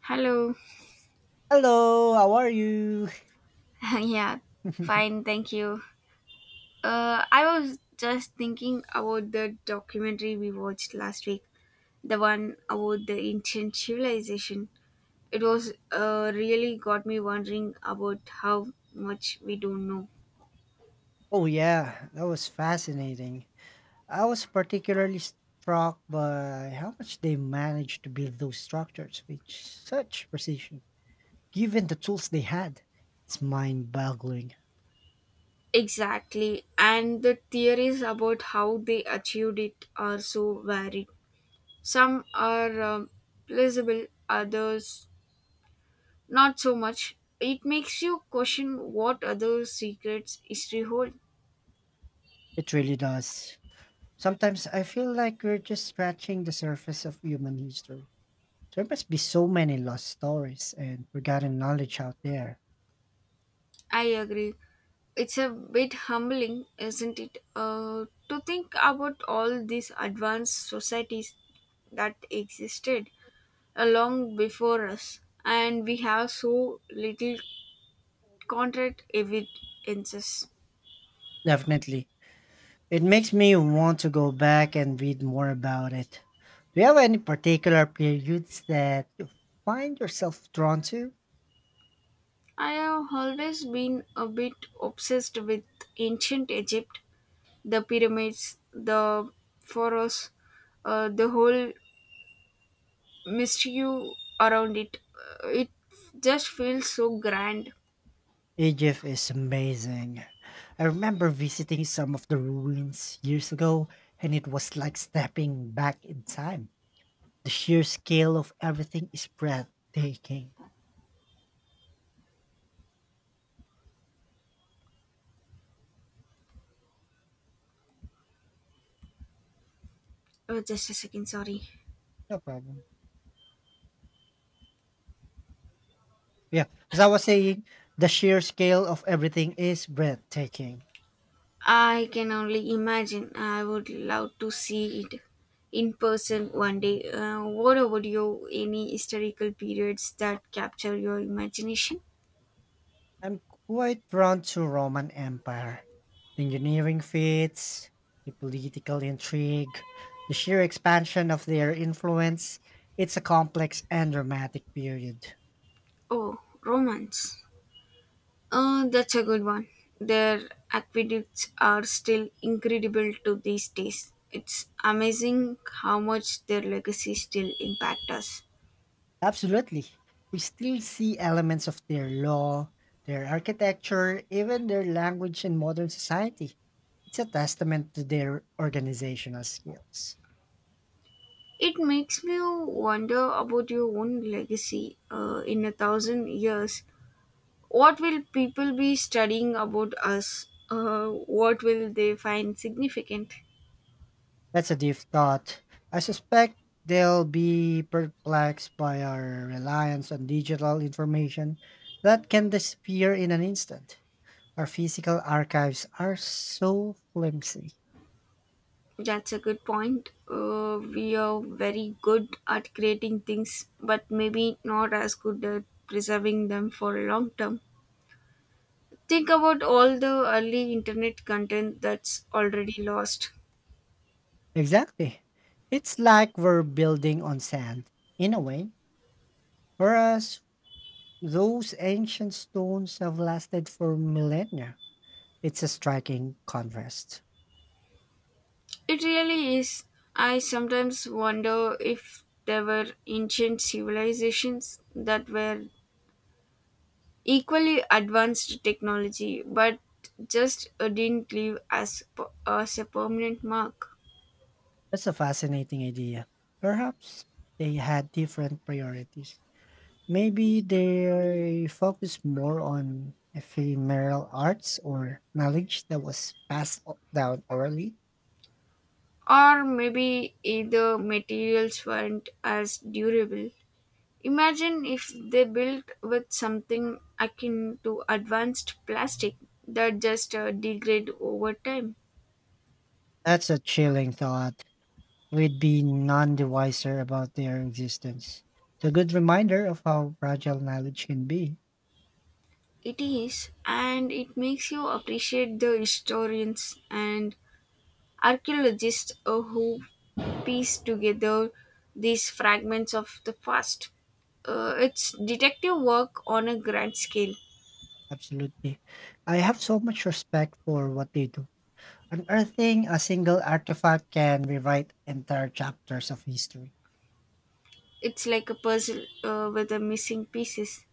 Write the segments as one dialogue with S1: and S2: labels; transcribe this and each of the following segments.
S1: Hello.
S2: Hello, how are you?
S1: yeah, fine, thank you. I was just thinking about the documentary we watched last week, the one about the ancient civilization. It was really got me wondering about how much we don't know.
S2: Oh, yeah, that was fascinating. I was particularly struck by how much they managed to build those structures with such precision, given the tools they had. It's mind boggling.
S1: Exactly, and the theories about how they achieved it are so varied. Some are plausible, others not so much. It makes you question what other secrets history holds.
S2: It really does. Sometimes I feel like we're just scratching the surface of human history. There must be so many lost stories and forgotten knowledge out there.
S1: I agree. It's a bit humbling, isn't it, to think about all these advanced societies that existed long before us, and we have so little concrete evidences.
S2: Definitely. It makes me want to go back and read more about it. Do you have any particular periods that you find yourself drawn to?
S1: I have always been a bit obsessed with ancient Egypt, the pyramids, the pharaohs, the whole mystery around it. It just feels so grand.
S2: Egypt is amazing. I remember visiting some of the ruins years ago, and it was like stepping back in time. The sheer scale of everything is breathtaking.
S1: Oh, just a second, sorry.
S2: No problem. Yeah, as I was saying, the sheer scale of everything is breathtaking.
S1: I can only imagine. I would love to see it in person one day. What about you? Any historical periods that capture your imagination?
S2: I'm quite drawn to Roman Empire. The engineering feats, the political intrigue, the sheer expansion of their influence. It's a complex and dramatic period.
S1: Oh, romance. That's a good one. Their aqueducts are still incredible to these days. It's amazing how much their legacy still impacts us.
S2: Absolutely. We still see elements of their law, their architecture, even their language in modern society. It's a testament to their organizational skills.
S1: It makes me wonder about your own legacy in a thousand years. What will people be studying about us? What will they find significant?
S2: That's a deep thought. I suspect they'll be perplexed by our reliance on digital information that can disappear in an instant. Our physical archives are so flimsy.
S1: That's a good point. We are very good at creating things, but maybe not as good at preserving them for a long term. Think about all the early internet content that's already lost.
S2: Exactly. It's like we're building on sand, in a way. Whereas those ancient stones have lasted for millennia. It's a striking contrast.
S1: It really is. I sometimes wonder if there were ancient civilizations that were equally advanced technology, but just didn't leave as a permanent mark.
S2: That's a fascinating idea. Perhaps they had different priorities. Maybe they focused more on ephemeral arts or knowledge that was passed down orally.
S1: Or maybe either materials weren't as durable. Imagine if they built with something akin to advanced plastic that just degrade over time.
S2: That's a chilling thought. We'd be none the wiser about their existence. It's a good reminder of how fragile knowledge can be.
S1: It is, and it makes you appreciate the historians and archaeologists who piece together these fragments of the past. It's detective work on a grand scale.
S2: Absolutely. I have so much respect for what they do. Unearthing a single artifact can rewrite entire chapters of history.
S1: It's like a puzzle with the missing pieces,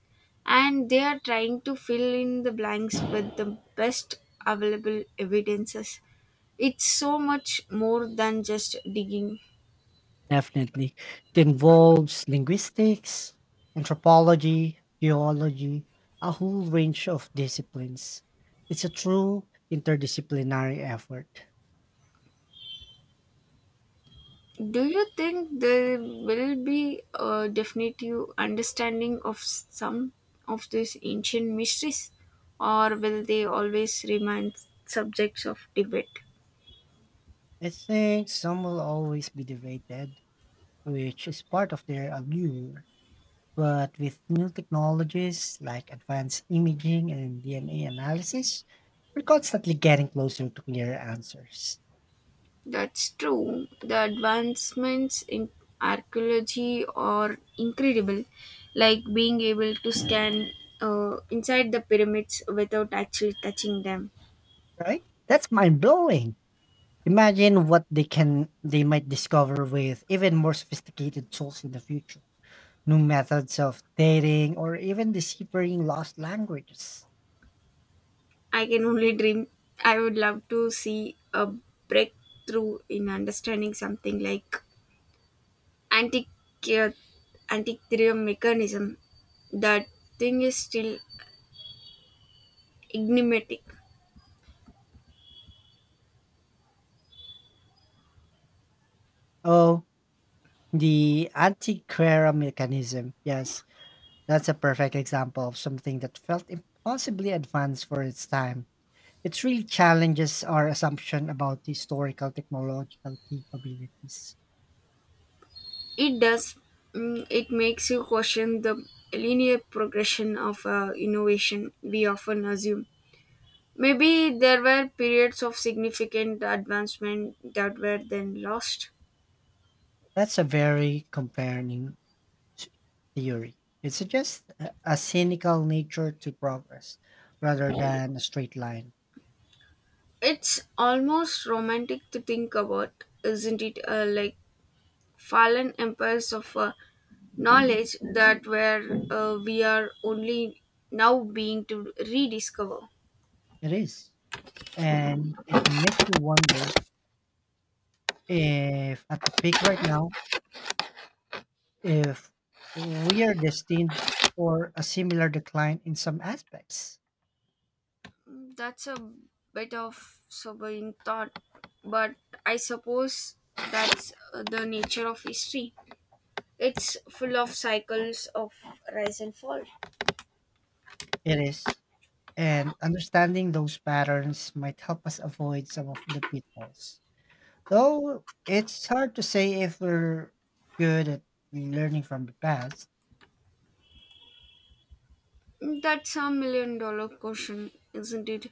S1: and they are trying to fill in the blanks with the best available evidences. It's so much more than just digging.
S2: Definitely. It involves linguistics, anthropology, geology, a whole range of disciplines. It's a true interdisciplinary effort.
S1: Do you think there will be a definitive understanding of some of these ancient mysteries, or will they always remain subjects of debate?
S2: I think some will always be debated, which is part of their allure. But with new technologies like advanced imaging and DNA analysis, we're constantly getting closer to clearer answers,
S1: That's true. The advancements in archaeology are incredible, like being able to scan inside the pyramids without actually touching them.
S2: right? That's mind blowing. Imagine what they might discover with even more sophisticated tools in the future. New methods of dating or even deciphering lost languages.
S1: I can only dream. I would love to see a breakthrough in understanding something like antique uh, antiquarian mechanism. That thing is still enigmatic.
S2: Oh, the antiquera mechanism. Yes, that's a perfect example of something that felt impossibly advanced for its time. It really challenges our assumption about historical technological capabilities.
S1: It does. Mm, it makes you question the linear progression of innovation we often assume. Maybe there were periods of significant advancement that were then lost.
S2: That's a very comparing s- theory. It suggests a cynical nature to progress rather than a straight line.
S1: It's almost romantic to think about, isn't it? Like fallen empires of knowledge that were we are only now being to rediscover.
S2: It is. And it makes you wonder if, at the peak right now, if we are destined for a similar decline in some aspects.
S1: That's a bit of sobering thought, but I suppose that's the nature of history. It's full of cycles of rise and fall.
S2: It is. And understanding those patterns might help us avoid some of the pitfalls. Though it's hard to say if we're good at learning from the past.
S1: That's a million dollar question, isn't it?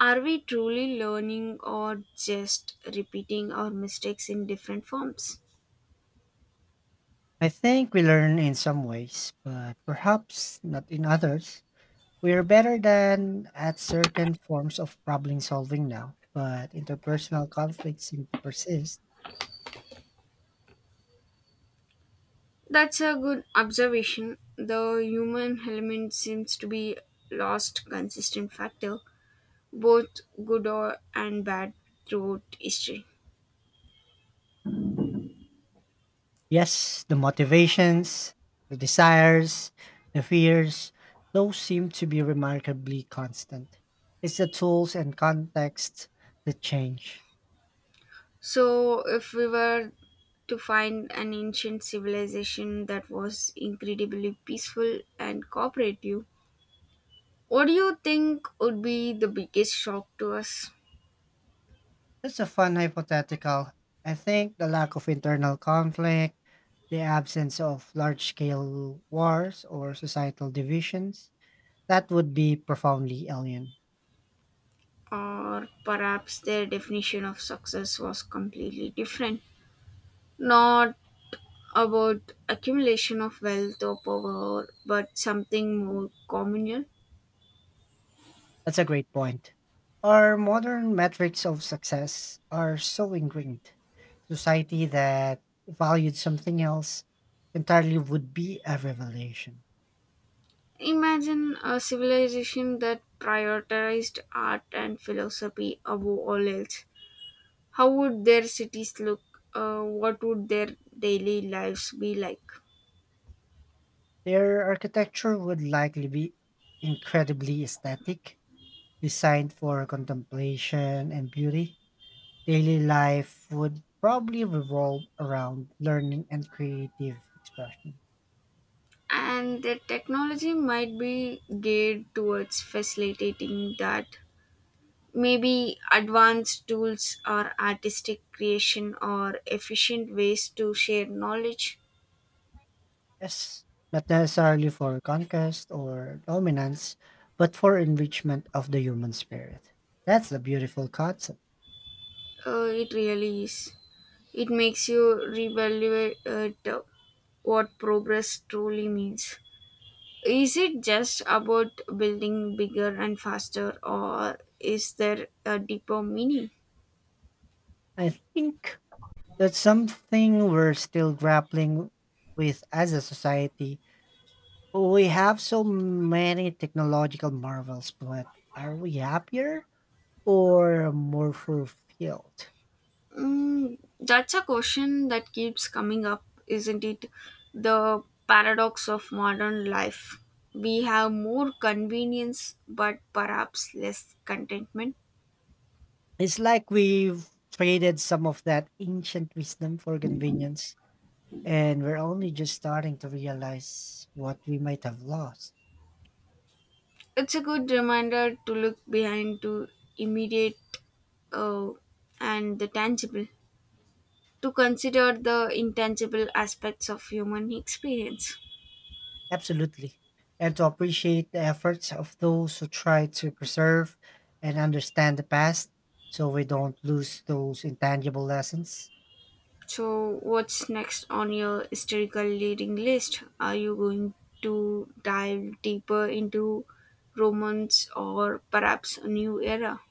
S1: Are we truly learning or just repeating our mistakes in different forms?
S2: I think we learn in some ways, but perhaps not in others. We are better than at certain forms of problem solving now, but interpersonal conflicts seem to persist.
S1: That's a good observation. The human element seems to be lost consistent factor, both good or and bad throughout history.
S2: Yes, the motivations, the desires, the fears, those seem to be remarkably constant. It's the tools and context that change.
S1: So, if we were to find an ancient civilization that was incredibly peaceful and cooperative, what do you think would be the biggest shock to us?
S2: That's a fun hypothetical. I think the lack of internal conflict, the absence of large scale wars or societal divisions, that would be profoundly alien.
S1: Or perhaps their definition of success was completely different. Not about accumulation of wealth or power, but something more communal.
S2: That's a great point. Our modern metrics of success are so ingrained. Society that valued something else entirely would be a revelation.
S1: Imagine a civilization that prioritized art and philosophy above all else. How would their cities look? What would their daily lives be like?
S2: Their architecture would likely be incredibly aesthetic, designed for contemplation and beauty. Daily life would probably revolve around learning and creative expression.
S1: And the technology might be geared towards facilitating that. Maybe advanced tools or artistic creation or efficient ways to share knowledge.
S2: Yes, not necessarily for conquest or dominance, but for enrichment of the human spirit. That's a beautiful concept.
S1: It really is. It makes you reevaluate uh, what progress truly means. Is it just about building bigger and faster, or is there a deeper meaning?
S2: I think that's something we're still grappling with as a society. We have so many technological marvels, but are we happier or more fulfilled?
S1: Mm, that's a question that keeps coming up, isn't it? The paradox of modern life. We have more convenience, but perhaps less contentment.
S2: It's like we've traded some of that ancient wisdom for convenience, and we're only just starting to realize what we might have lost.
S1: It's a good reminder to look behind to immediate uh, and the tangible, to consider the intangible aspects of human experience.
S2: Absolutely. And to appreciate the efforts of those who try to preserve and understand the past so we don't lose those intangible lessons.
S1: So, what's next on your historical reading list? Are you going to dive deeper into Romans or perhaps a new era?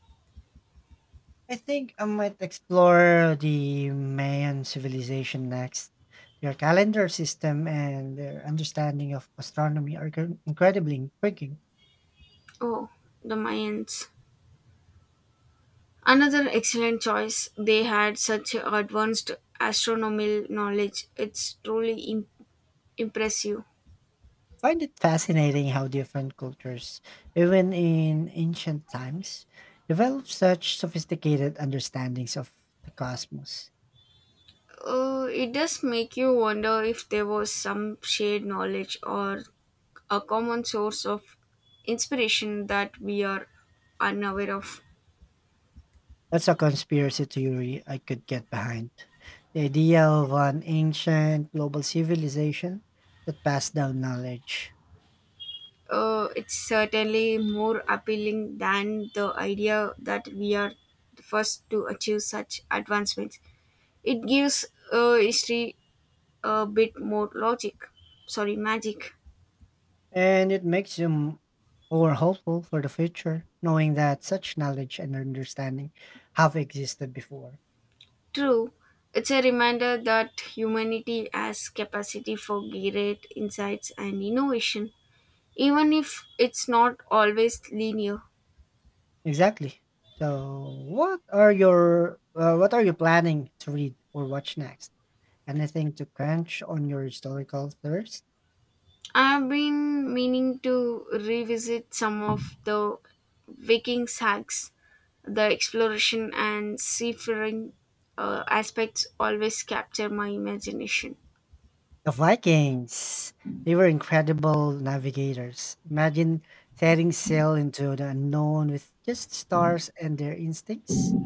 S2: I think I might explore the Mayan civilization next. Their calendar system and their understanding of astronomy are incredibly intriguing.
S1: Oh, the Mayans. Another excellent choice. They had such advanced astronomical knowledge. It's truly impressive.
S2: I find it fascinating how different cultures, even in ancient times, developed such sophisticated understandings of the cosmos.
S1: It does make you wonder if there was some shared knowledge or a common source of inspiration that we are unaware of.
S2: That's a conspiracy theory I could get behind. The idea of an ancient global civilization that passed down knowledge.
S1: It's certainly more appealing than the idea that we are the first to achieve such advancements. It gives history a bit more logic, sorry, magic.
S2: And it makes you more hopeful for the future, knowing that such knowledge and understanding have existed before.
S1: True, it's a reminder that humanity has capacity for great insights and innovation, even if it's not always linear.
S2: Exactly. So, what are you planning to read or watch next? Anything to crunch on your historical thirst?
S1: I've been meaning to revisit some of the Viking sagas. The exploration and seafaring aspects always capture my imagination.
S2: The Vikings. They were incredible navigators. Imagine setting sail into the unknown with just stars and their instincts.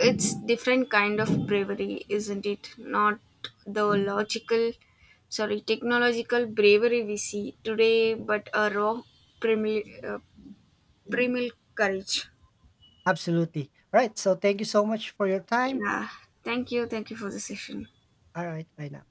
S1: It's different kind of bravery, isn't it? Not the logical, sorry, technological bravery we see today, but a raw, primal, uh, primal courage.
S2: Absolutely. All right. So, thank you so much for your time.
S1: Yeah. Thank you. Thank you for the session.
S2: All right. Bye now.